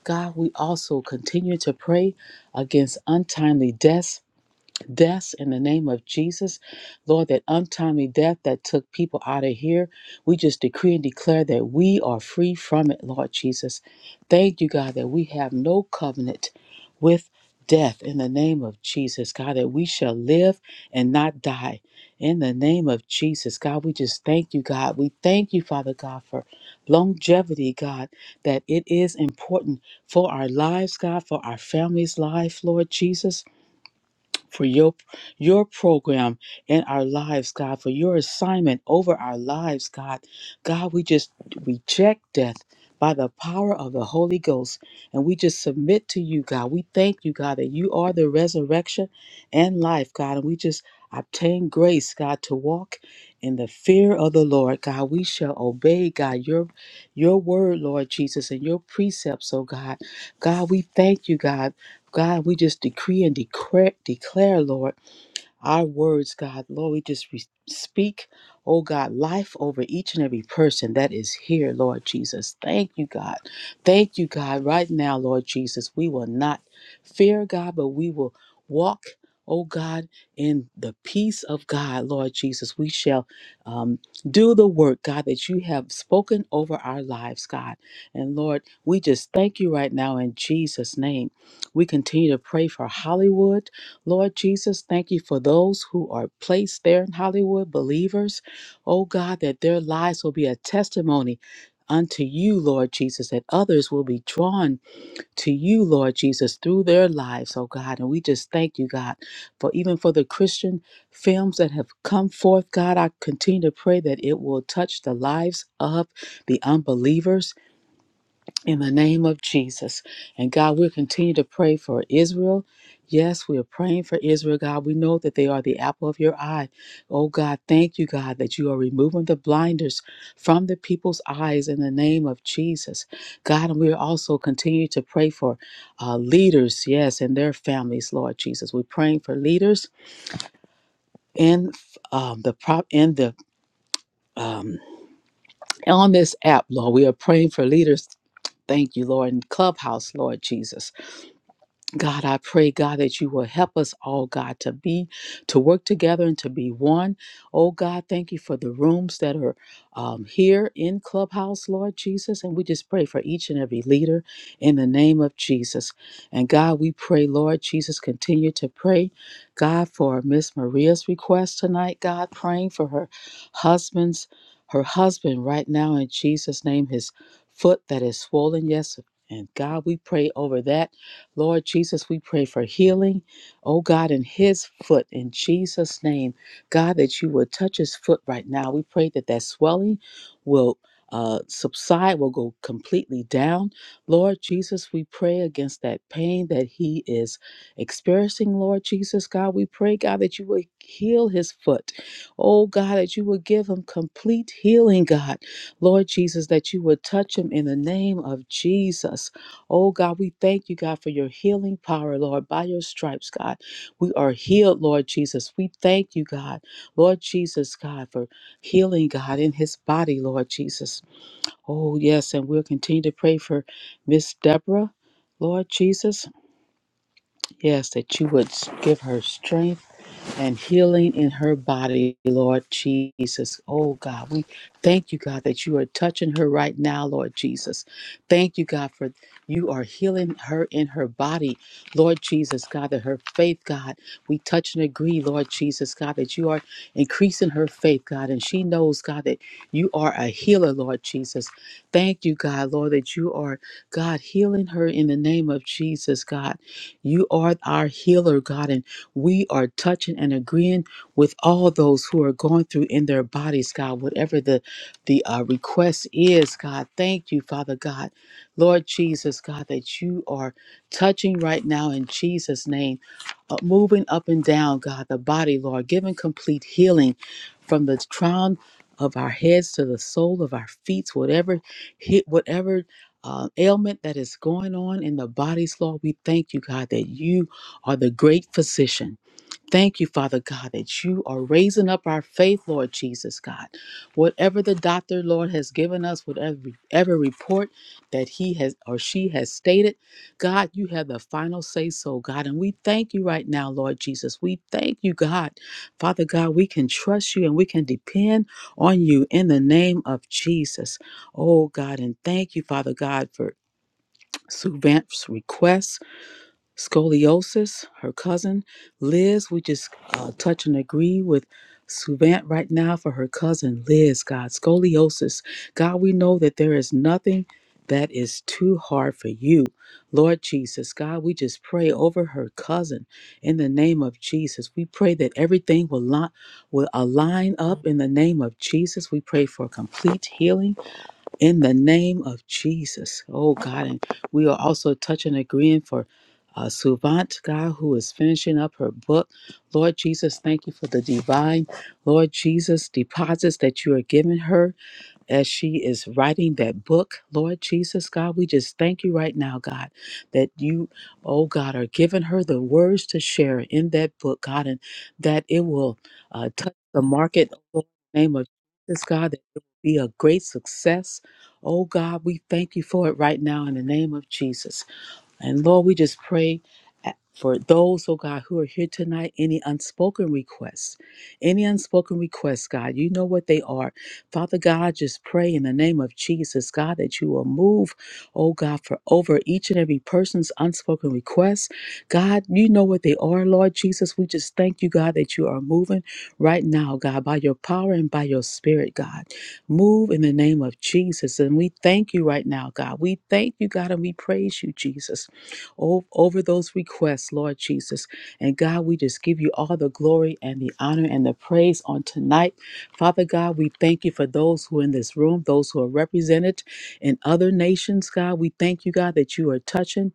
God, we also continue to pray against untimely deaths deaths in the name of Jesus. Lord, that untimely death that took people out of here, we just decree and declare that we are free from it, Lord Jesus. Thank you, God, that we have no covenant with death in the name of Jesus, God, that we shall live and not die. In the name of Jesus, God, we just thank you, God. We thank you, Father God, for longevity, God, that it is important for our lives, God, for our families' life, Lord Jesus for your your program in our lives, God, for your assignment over our lives, God. God, we just reject death by the power of the Holy Ghost and we just submit to you, God. We thank you, God, that you are the resurrection and life, God, and we just obtain grace, God, to walk in the fear of the Lord, God. We shall obey, God, your your word, Lord Jesus, and your precepts, oh God. God, we thank you, God. God, we just decree and declare, declare, Lord our words, God. Lord, we just re- speak, oh God, life over each and every person that is here, Lord Jesus. Thank you, God. Thank you, God. Right now, Lord Jesus, we will not fear, God, but we will walk, oh God, in the peace of God, Lord Jesus. We shall um, do the work, God, that you have spoken over our lives, God. And Lord, we just thank you right now in Jesus' name. We continue to pray for Hollywood. Lord Jesus, thank you for those who are placed there in Hollywood, believers. Oh God, that their lives will be a testimony unto you, Lord Jesus, that others will be drawn to you, Lord Jesus, through their lives, oh God. And we just thank you, God, for even for the Christian films that have come forth, God, I continue to pray that it will touch the lives of the unbelievers in the name of Jesus. And God, we'll continue to pray for Israel. Yes, we are praying for Israel, God. We know that they are the apple of your eye. Oh, God, thank you, God, that you are removing the blinders from the people's eyes in the name of Jesus. God, and we are also continue to pray for uh, leaders, yes, and their families, Lord Jesus. We're praying for leaders in um, the prop in the um, on this app, Lord. We are praying for leaders. Thank you, Lord, in Clubhouse, Lord Jesus. God, I pray, God, that you will help us all, God, to be, to work together and to be one. Oh, God, thank you for the rooms that are um, here in Clubhouse, Lord Jesus. And we just pray for each and every leader in the name of Jesus. And God, we pray, Lord Jesus, continue to pray, God, for Miss Maria's request tonight, God, praying for her husband's, her husband right now in Jesus' name, his foot that is swollen, yes. And God, we pray over that. Lord Jesus, we pray for healing, oh God, in his foot in Jesus' name. God, that you would touch his foot right now. We pray that that swelling will uh, subside, will go completely down. Lord Jesus, we pray against that pain that he is experiencing, Lord Jesus. God, we pray, God, that you would heal his foot. Oh God, that you would give him complete healing, God. Lord Jesus, that you would touch him in the name of Jesus. Oh God, we thank you, God, for your healing power, Lord, by your stripes, God. We are healed, Lord Jesus. We thank you, God, Lord Jesus, God, for healing, God, in his body, Lord Jesus. Oh, yes, and we'll continue to pray for Miss Deborah, Lord Jesus. Yes, that you would give her strength and healing in her body, Lord Jesus. Oh God, we thank you, God, that you are touching her right now, Lord Jesus. Thank you, God, for you are healing her in her body, Lord Jesus, God, that her faith, God, we touch and agree, Lord Jesus, God, that you are increasing her faith, God, and she knows, God, that you are a healer, Lord Jesus. Thank you, God, Lord, that you are, God, healing her in the name of Jesus, God. You are our healer, God, and we are touching and agreeing with all those who are going through in their bodies god whatever the the uh, request is god thank you father god lord jesus god that you are touching right now in jesus name uh, moving up and down god the body lord giving complete healing from the crown of our heads to the sole of our feet whatever hit whatever uh, ailment that is going on in the bodies lord we thank you god that you are the great physician Thank you, Father God, that you are raising up our faith, Lord Jesus God. Whatever the doctor, Lord, has given us, whatever every report that he has or she has stated, God, you have the final say so, God. And we thank you right now, Lord Jesus. We thank you, God. Father God, we can trust you and we can depend on you in the name of Jesus. Oh, God, and thank you, Father God, for Sue Vance's request. Scoliosis, her cousin. Liz, we just uh, touch and agree with Suvant right now for her cousin Liz, God. Scoliosis. God, we know that there is nothing that is too hard for you. Lord Jesus, God, we just pray over her cousin in the name of Jesus. We pray that everything will, li- will align up in the name of Jesus. We pray for complete healing in the name of Jesus. Oh God, and we are also touching and agreeing for uh, Suvant, God, who is finishing up her book. Lord Jesus, thank you for the divine, Lord Jesus, deposits that you are giving her as she is writing that book, Lord Jesus, God, we just thank you right now, God, that you, oh God, are giving her the words to share in that book, God, and that it will uh, touch the market, oh, Lord, in the name of Jesus, God, that it will be a great success. Oh God, we thank you for it right now in the name of Jesus. And Lord, we just pray at- for those, oh God, who are here tonight, any unspoken requests, any unspoken requests, God, you know what they are. Father God, just pray in the name of Jesus, God, that you will move, oh God, for over each and every person's unspoken requests. God, you know what they are, Lord Jesus. We just thank you, God, that you are moving right now, God, by your power and by your spirit, God. Move in the name of Jesus. And we thank you right now, God. We thank you, God, and we praise you, Jesus o- over those requests, Lord Jesus. And God, we just give you all the glory and the honor and the praise on tonight. Father God, we thank you for those who are in this room, those who are represented in other nations, God. We thank you, God, that you are touching.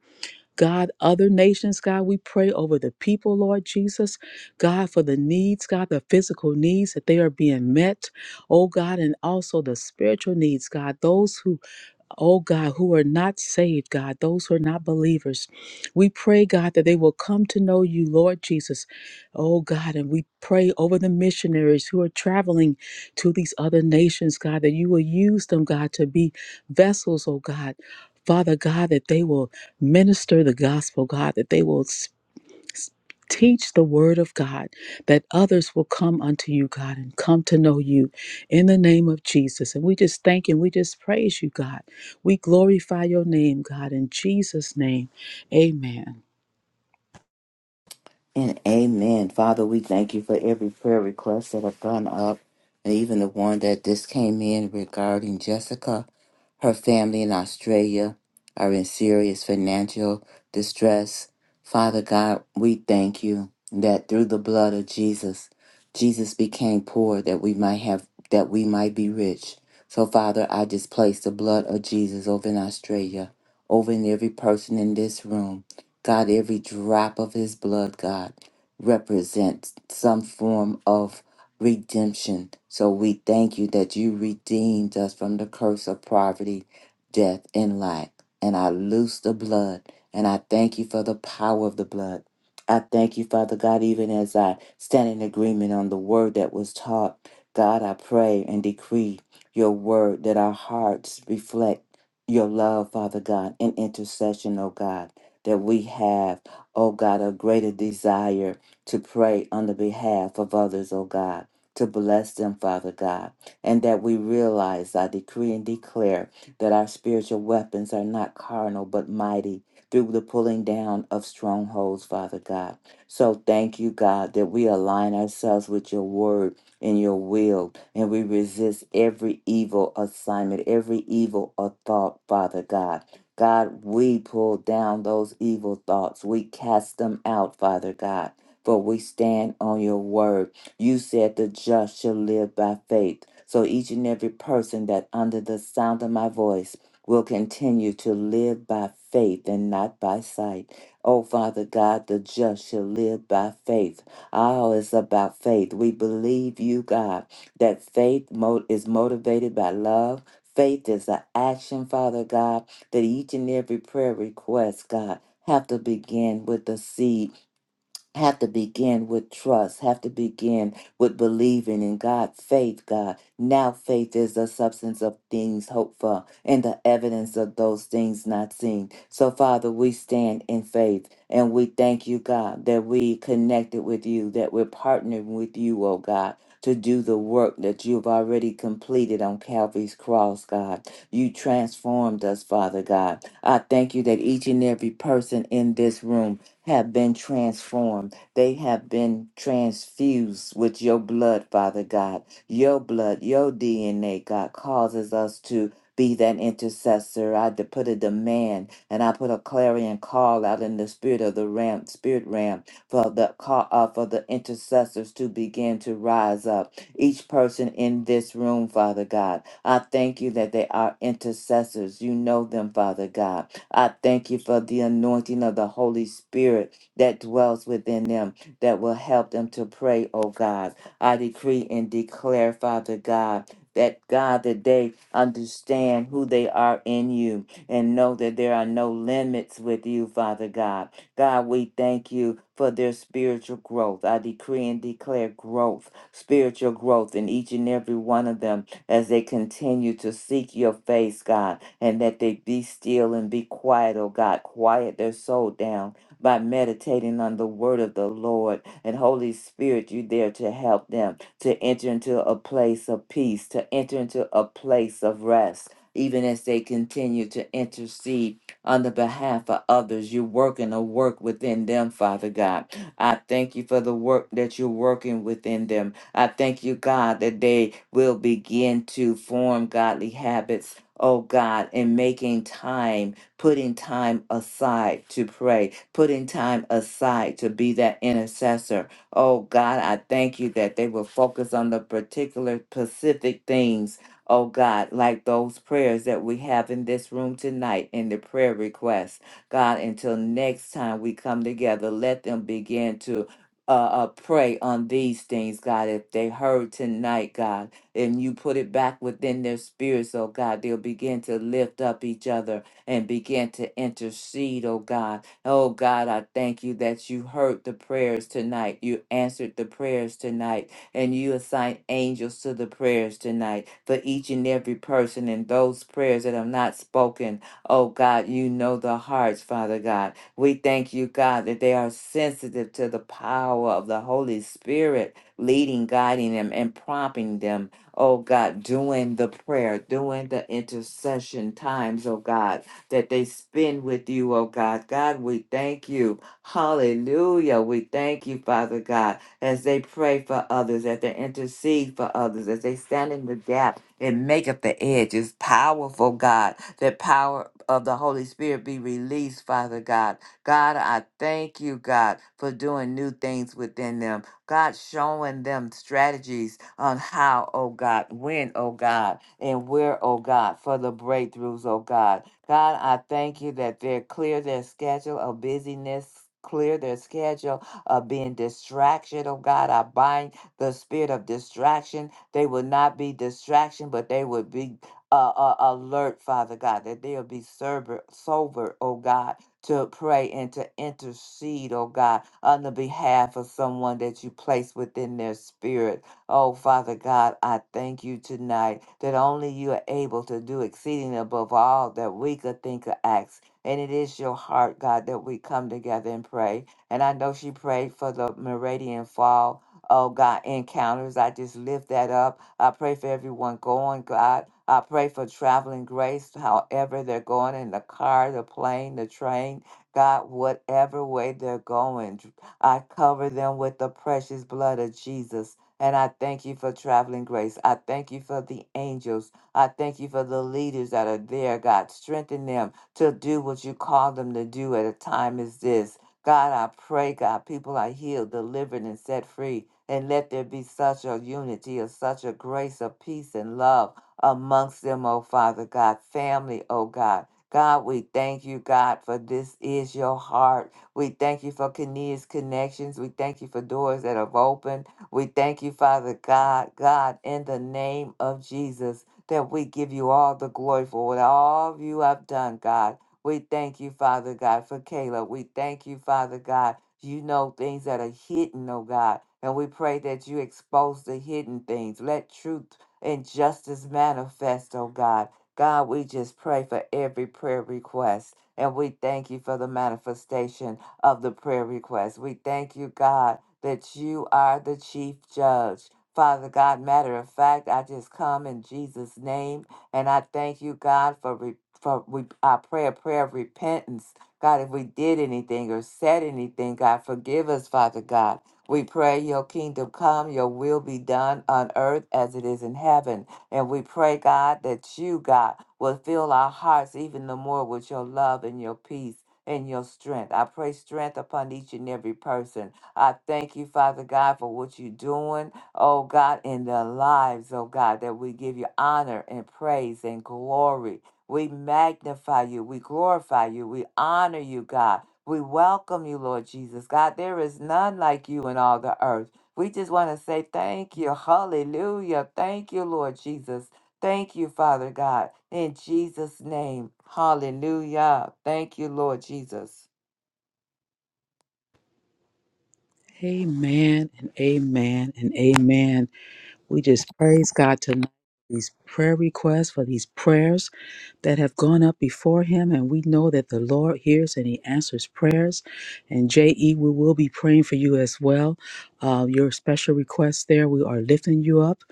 God, other nations, God, we pray over the people, Lord Jesus. God, for the needs, God, the physical needs that they are being met. Oh, God, and also the spiritual needs, God, those who oh God, who are not saved, God, those who are not believers. We pray, God, that they will come to know you, Lord Jesus, oh God. And we pray over the missionaries who are traveling to these other nations, God, that you will use them, God, to be vessels, oh God. Father God, that they will minister the gospel, God, that they will Teach the word of God that others will come unto you, God, and come to know you in the name of Jesus. And we just thank and we just praise you, God. We glorify your name, God, in Jesus' name. Amen.
And amen. Father, we thank you for every prayer request that have gone up and even the one that just came in regarding Jessica. Her family in Australia are in serious financial distress. Father God, we thank you that through the blood of Jesus, Jesus became poor that we might have that we might be rich. So Father, I just place the blood of Jesus over in Australia, over in every person in this room. God, every drop of his blood, God, represents some form of redemption. So we thank you that you redeemed us from the curse of poverty, death, and lack. And I loose the blood, and I thank you for the power of the blood. I thank you, Father God, even as I stand in agreement on the word that was taught. God, I pray and decree your word that our hearts reflect your love, Father God, in intercession, oh God, that we have, oh God, a greater desire to pray on the behalf of others, oh God to bless them, Father God, and that we realize, I decree and declare, that our spiritual weapons are not carnal but mighty through the pulling down of strongholds, Father God. So thank you, God, that we align ourselves with your word and your will, and we resist every evil assignment, every evil uh, thought, Father God. God, we pull down those evil thoughts. We cast them out, Father God, for we stand on your word you said the just shall live by faith. So each and every person that under the sound of my voice will continue to live by faith and not by sight. Oh, Father God, the just shall live by faith. All is about faith. We believe you, God, that faith mo- is motivated by love. Faith is an action, Father God, that each and every prayer request, God, have to begin with the seed have to begin with trust, have to begin with believing in God, faith, God. Now faith is the substance of things hoped for and the evidence of those things not seen. So, Father, we stand in faith and we thank you, God, that we connected with you, that we're partnering with you, oh God. To do the work that you've already completed on Calvary's cross, God. You transformed us, Father God. I thank you that each and every person in this room have been transformed. They have been transfused with your blood, Father God. Your blood, your DNA, God, causes us to be that intercessor. I de- put a demand and I put a clarion call out in the spirit of the ram, spirit ram, for the call uh, for the intercessors to begin to rise up. Each person in this room, Father God. I thank you that they are intercessors. You know them, Father God. I thank you for the anointing of the Holy Spirit that dwells within them that will help them to pray, oh God. I decree and declare, Father God, that God, that they understand who they are in you and know that there are no limits with you, Father God. God, we thank you for their spiritual growth. I decree and declare growth, spiritual growth in each and every one of them as they continue to seek your face, God, and that they be still and be quiet, oh God. Quiet their soul down by meditating on the word of the Lord. And Holy Spirit, you there to help them to enter into a place of peace, to enter into a place of rest. Even as they continue to intercede on the behalf of others, you're working a work within them, Father God. I thank you for the work that you're working within them I thank you, God, that they will begin to form godly habits, oh God, in making time, putting time aside to pray, putting time aside to be that intercessor. Oh God, I thank you that they will focus on the particular specific things. Oh God, like those prayers that we have in this room tonight in the prayer request. God, until next time we come together, let them begin to uh, uh, pray on these things, God. If they heard tonight, God, and you put it back within their spirits, oh God, they'll begin to lift up each other and begin to intercede, oh God. Oh God, I thank you that you heard the prayers tonight. You answered the prayers tonight, and you assign angels to the prayers tonight for each and every person. And those prayers that are not spoken, oh God, you know the hearts, Father God. We thank you, God, that they are sensitive to the power of the Holy Spirit leading, guiding them, and prompting them, oh God, doing the prayer, doing the intercession times, oh God, that they spend with you, oh God. God, we thank you. Hallelujah. We thank you, Father God, as they pray for others, as they intercede for others, as they stand in the gap and make up the edge. It's powerful, God, that power of the Holy Spirit be released, Father God God, I thank you, God, for doing new things within them. God, showing them strategies on how, oh God, when, oh God, and where, oh God, for the breakthroughs, oh God. God, I thank you that they're clear their schedule of busyness. Clear their schedule of being distraction. Oh God, I bind the spirit of distraction. They will not be distraction, but they would be uh, uh, alert, Father God, that they'll be sober, sober, oh God, to pray and to intercede, oh God, on the behalf of someone that you place within their spirit. Oh, Father God, I thank you tonight that only you are able to do exceeding above all that we could think or ask. And it is your heart, God, that we come together and pray. And I know she prayed for the meridian fall oh God, encounters. I just lift that up. I pray for everyone going, God. I pray for traveling grace, however they're going in the car, the plane, the train, God, whatever way they're going. I cover them with the precious blood of Jesus. And I thank you for traveling grace. I thank you for the angels. I thank you for the leaders that are there, God. Strengthen them to do what you call them to do at a time as this. God, I pray, God, people are healed, delivered, and set free. And let there be such a unity of such a grace of peace and love amongst them, oh Father God, family, oh God. God, we thank you, God, for this is your heart. We thank you for Kenea's connections. We thank you for doors that have opened. We thank you, Father God, God, in the name of Jesus, that we give you all the glory for what all of you have done, God. We thank you, Father God, for Caleb. We thank you, Father God. You know things that are hidden, oh God. And we pray that you expose the hidden things. Let truth and justice manifest, oh God. God, we just pray for every prayer request. And we thank you for the manifestation of the prayer request. We thank you, God, that you are the chief judge. Father God, matter of fact, I just come in Jesus' name and I thank you, God, for repentance for we I pray a prayer of repentance. God, if we did anything or said anything, God, forgive us, Father God. We pray your kingdom come, your will be done on earth as it is in heaven. And we pray, God, that you, God, will fill our hearts even the more with your love and your peace and your strength. I pray strength upon each and every person. I thank you, Father God, for what you're doing, oh God, in their lives, oh God, that we give you honor and praise and glory. We magnify you. We glorify you. We honor you, God. We welcome you, Lord Jesus. God, there is none like you in all the earth. We just want to say thank you. Hallelujah. Thank you, Lord Jesus. Thank you, Father God. In Jesus' name. Hallelujah. Thank you, Lord Jesus.
Amen and amen and amen. We just praise God tonight for these prayer requests, for these prayers that have gone up before Him. And we know that the Lord hears and He answers prayers. And J.E., we will be praying for you as well. Uh, your special requests there, we are lifting you up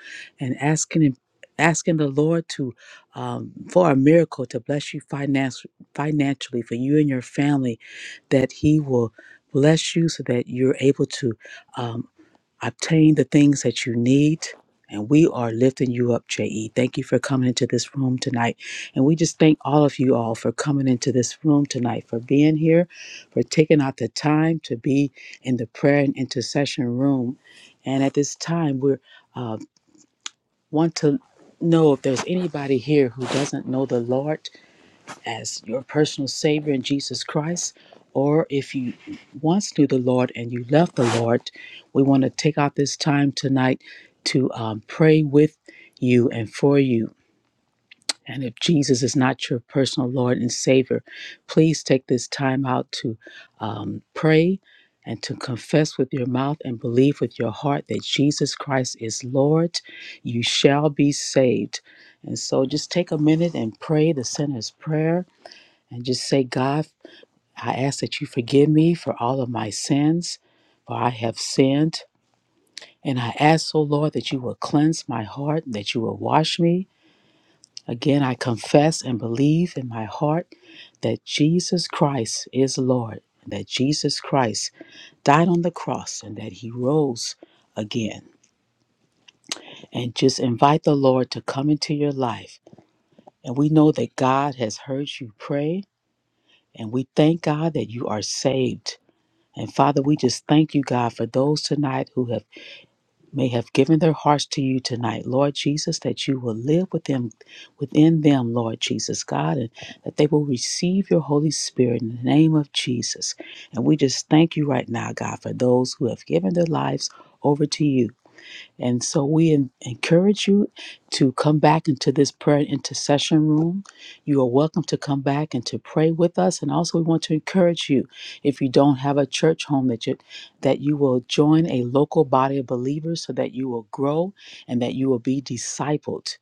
and asking Him. Asking the Lord to um, for a miracle to bless you finance, financially for you and your family, that He will bless you so that you're able to um, obtain the things that you need. And we are lifting you up, JE. Thank you for coming into this room tonight. And we just thank all of you all for coming into this room tonight, for being here, for taking out the time to be in the prayer and intercession room. And at this time, we uh, want to know if there's anybody here who doesn't know the Lord as your personal Savior in Jesus Christ, or if you once knew the Lord and you left the Lord, we want to take out this time tonight to um, pray with you and for you. And if Jesus is not your personal Lord and Savior, please take this time out to um, pray and to confess with your mouth and believe with your heart that Jesus Christ is Lord. You shall be saved. And so just take a minute and pray the sinner's prayer and just say, God, I ask that you forgive me for all of my sins, for I have sinned. And I ask, O Lord, that you will cleanse my heart, that you will wash me. Again, I confess and believe in my heart that Jesus Christ is Lord, that Jesus Christ died on the cross, and that he rose again. And just invite the Lord to come into your life. And we know that God has heard you pray, and we thank God that you are saved And Father, we just thank you, God, for those tonight who have may have given their hearts to you tonight, Lord Jesus, that you will live with them within them, Lord Jesus, God, and that they will receive your Holy Spirit in the name of Jesus. And we just thank you right now, God, for those who have given their lives over to you. And so we en- encourage you to come back into this prayer and intercession room. You are welcome to come back and to pray with us. And also, we want to encourage you, if you don't have a church home, that you, that you will join a local body of believers so that you will grow and that you will be discipled.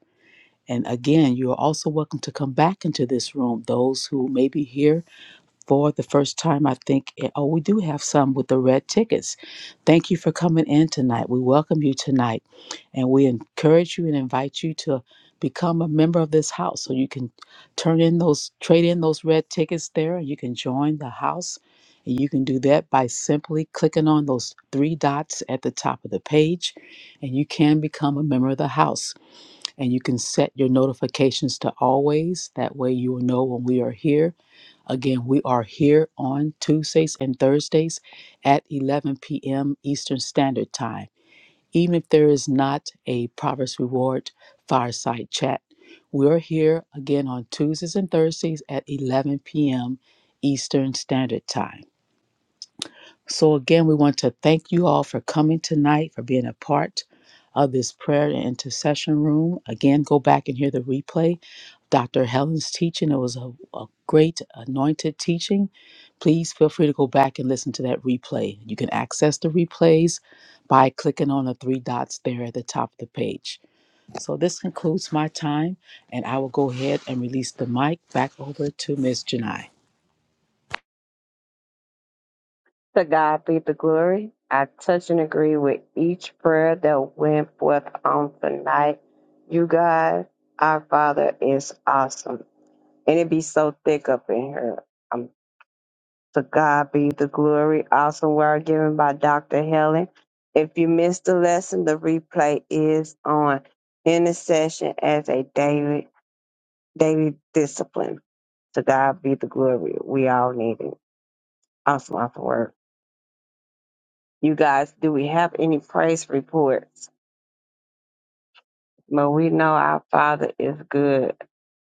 And again, you are also welcome to come back into this room. Those who may be here for the first time, I think. eh, Oh, we do have some with the red tickets. Thank you for coming in tonight. We welcome you tonight, and we encourage you and invite you to become a member of this house so you can turn in those trade in those red tickets there and you can join the house and you can do that by simply clicking on those three dots at the top of the page and you can become a member of the house and you can set your notifications to always that way you will know when we are here Again, we are here on Tuesdays and Thursdays at 11 p.m. Eastern Standard Time. Even if there is not a Proverbs Reward fireside chat, we're here again on Tuesdays and Thursdays at 11 p.m. Eastern Standard Time. So, again, we want to thank you all for coming tonight, for being a part of this prayer and intercession room. Again, go back and hear the replay. Dr. Helen's teaching, it was a, a great anointed teaching. Please feel free to go back and listen to that replay. You can access the replays by clicking on the three dots there at the top of the page. So, this concludes my time, and I will go ahead and release the mic back over to Miss Janai.
To God be the glory. I touch and agree with each prayer that went forth on tonight. You God, our Father is awesome. And it be so thick up in here. Um, to God be the glory. Awesome word given by Dr. Helen. If you missed the lesson, the replay is on intercession as a daily daily discipline. To God be the glory. We all need it. Awesome, awesome word. You guys, do we have any praise reports? But we know our Father is good.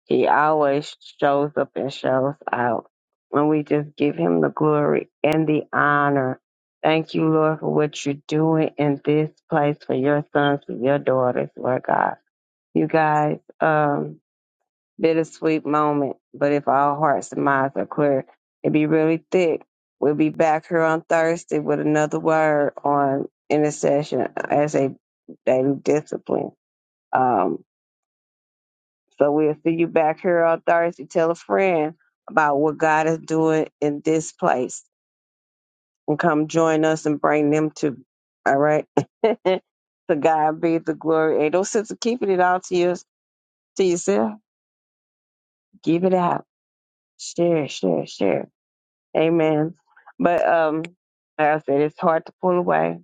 He always shows up and shows out. And we just give him the glory and the honor. Thank you, Lord, for what you're doing in this place for your sons and your daughters, Lord God. You guys, um, bittersweet moment, but if our hearts and minds are clear, it'd be really thick. We'll be back here on Thursday with another word on intercession as a daily discipline. Um, so we'll see you back here on Thursday. Tell a friend about what God is doing in this place and come join us and bring them to. All right. to God be the glory. Ain't no sense of keeping it all to, you, to yourself. Give it out. Share, share, share. Amen. But um, like I said, it's hard to pull away.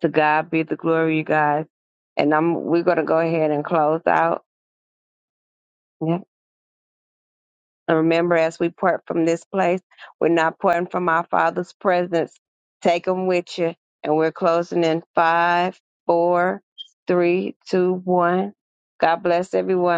To God be the glory, you guys. And I'm we're gonna go ahead and close out. Yeah. And remember, as we part from this place, we're not parting from our Father's presence. Take them with you. And we're closing in five, four, three, two, one. God bless everyone.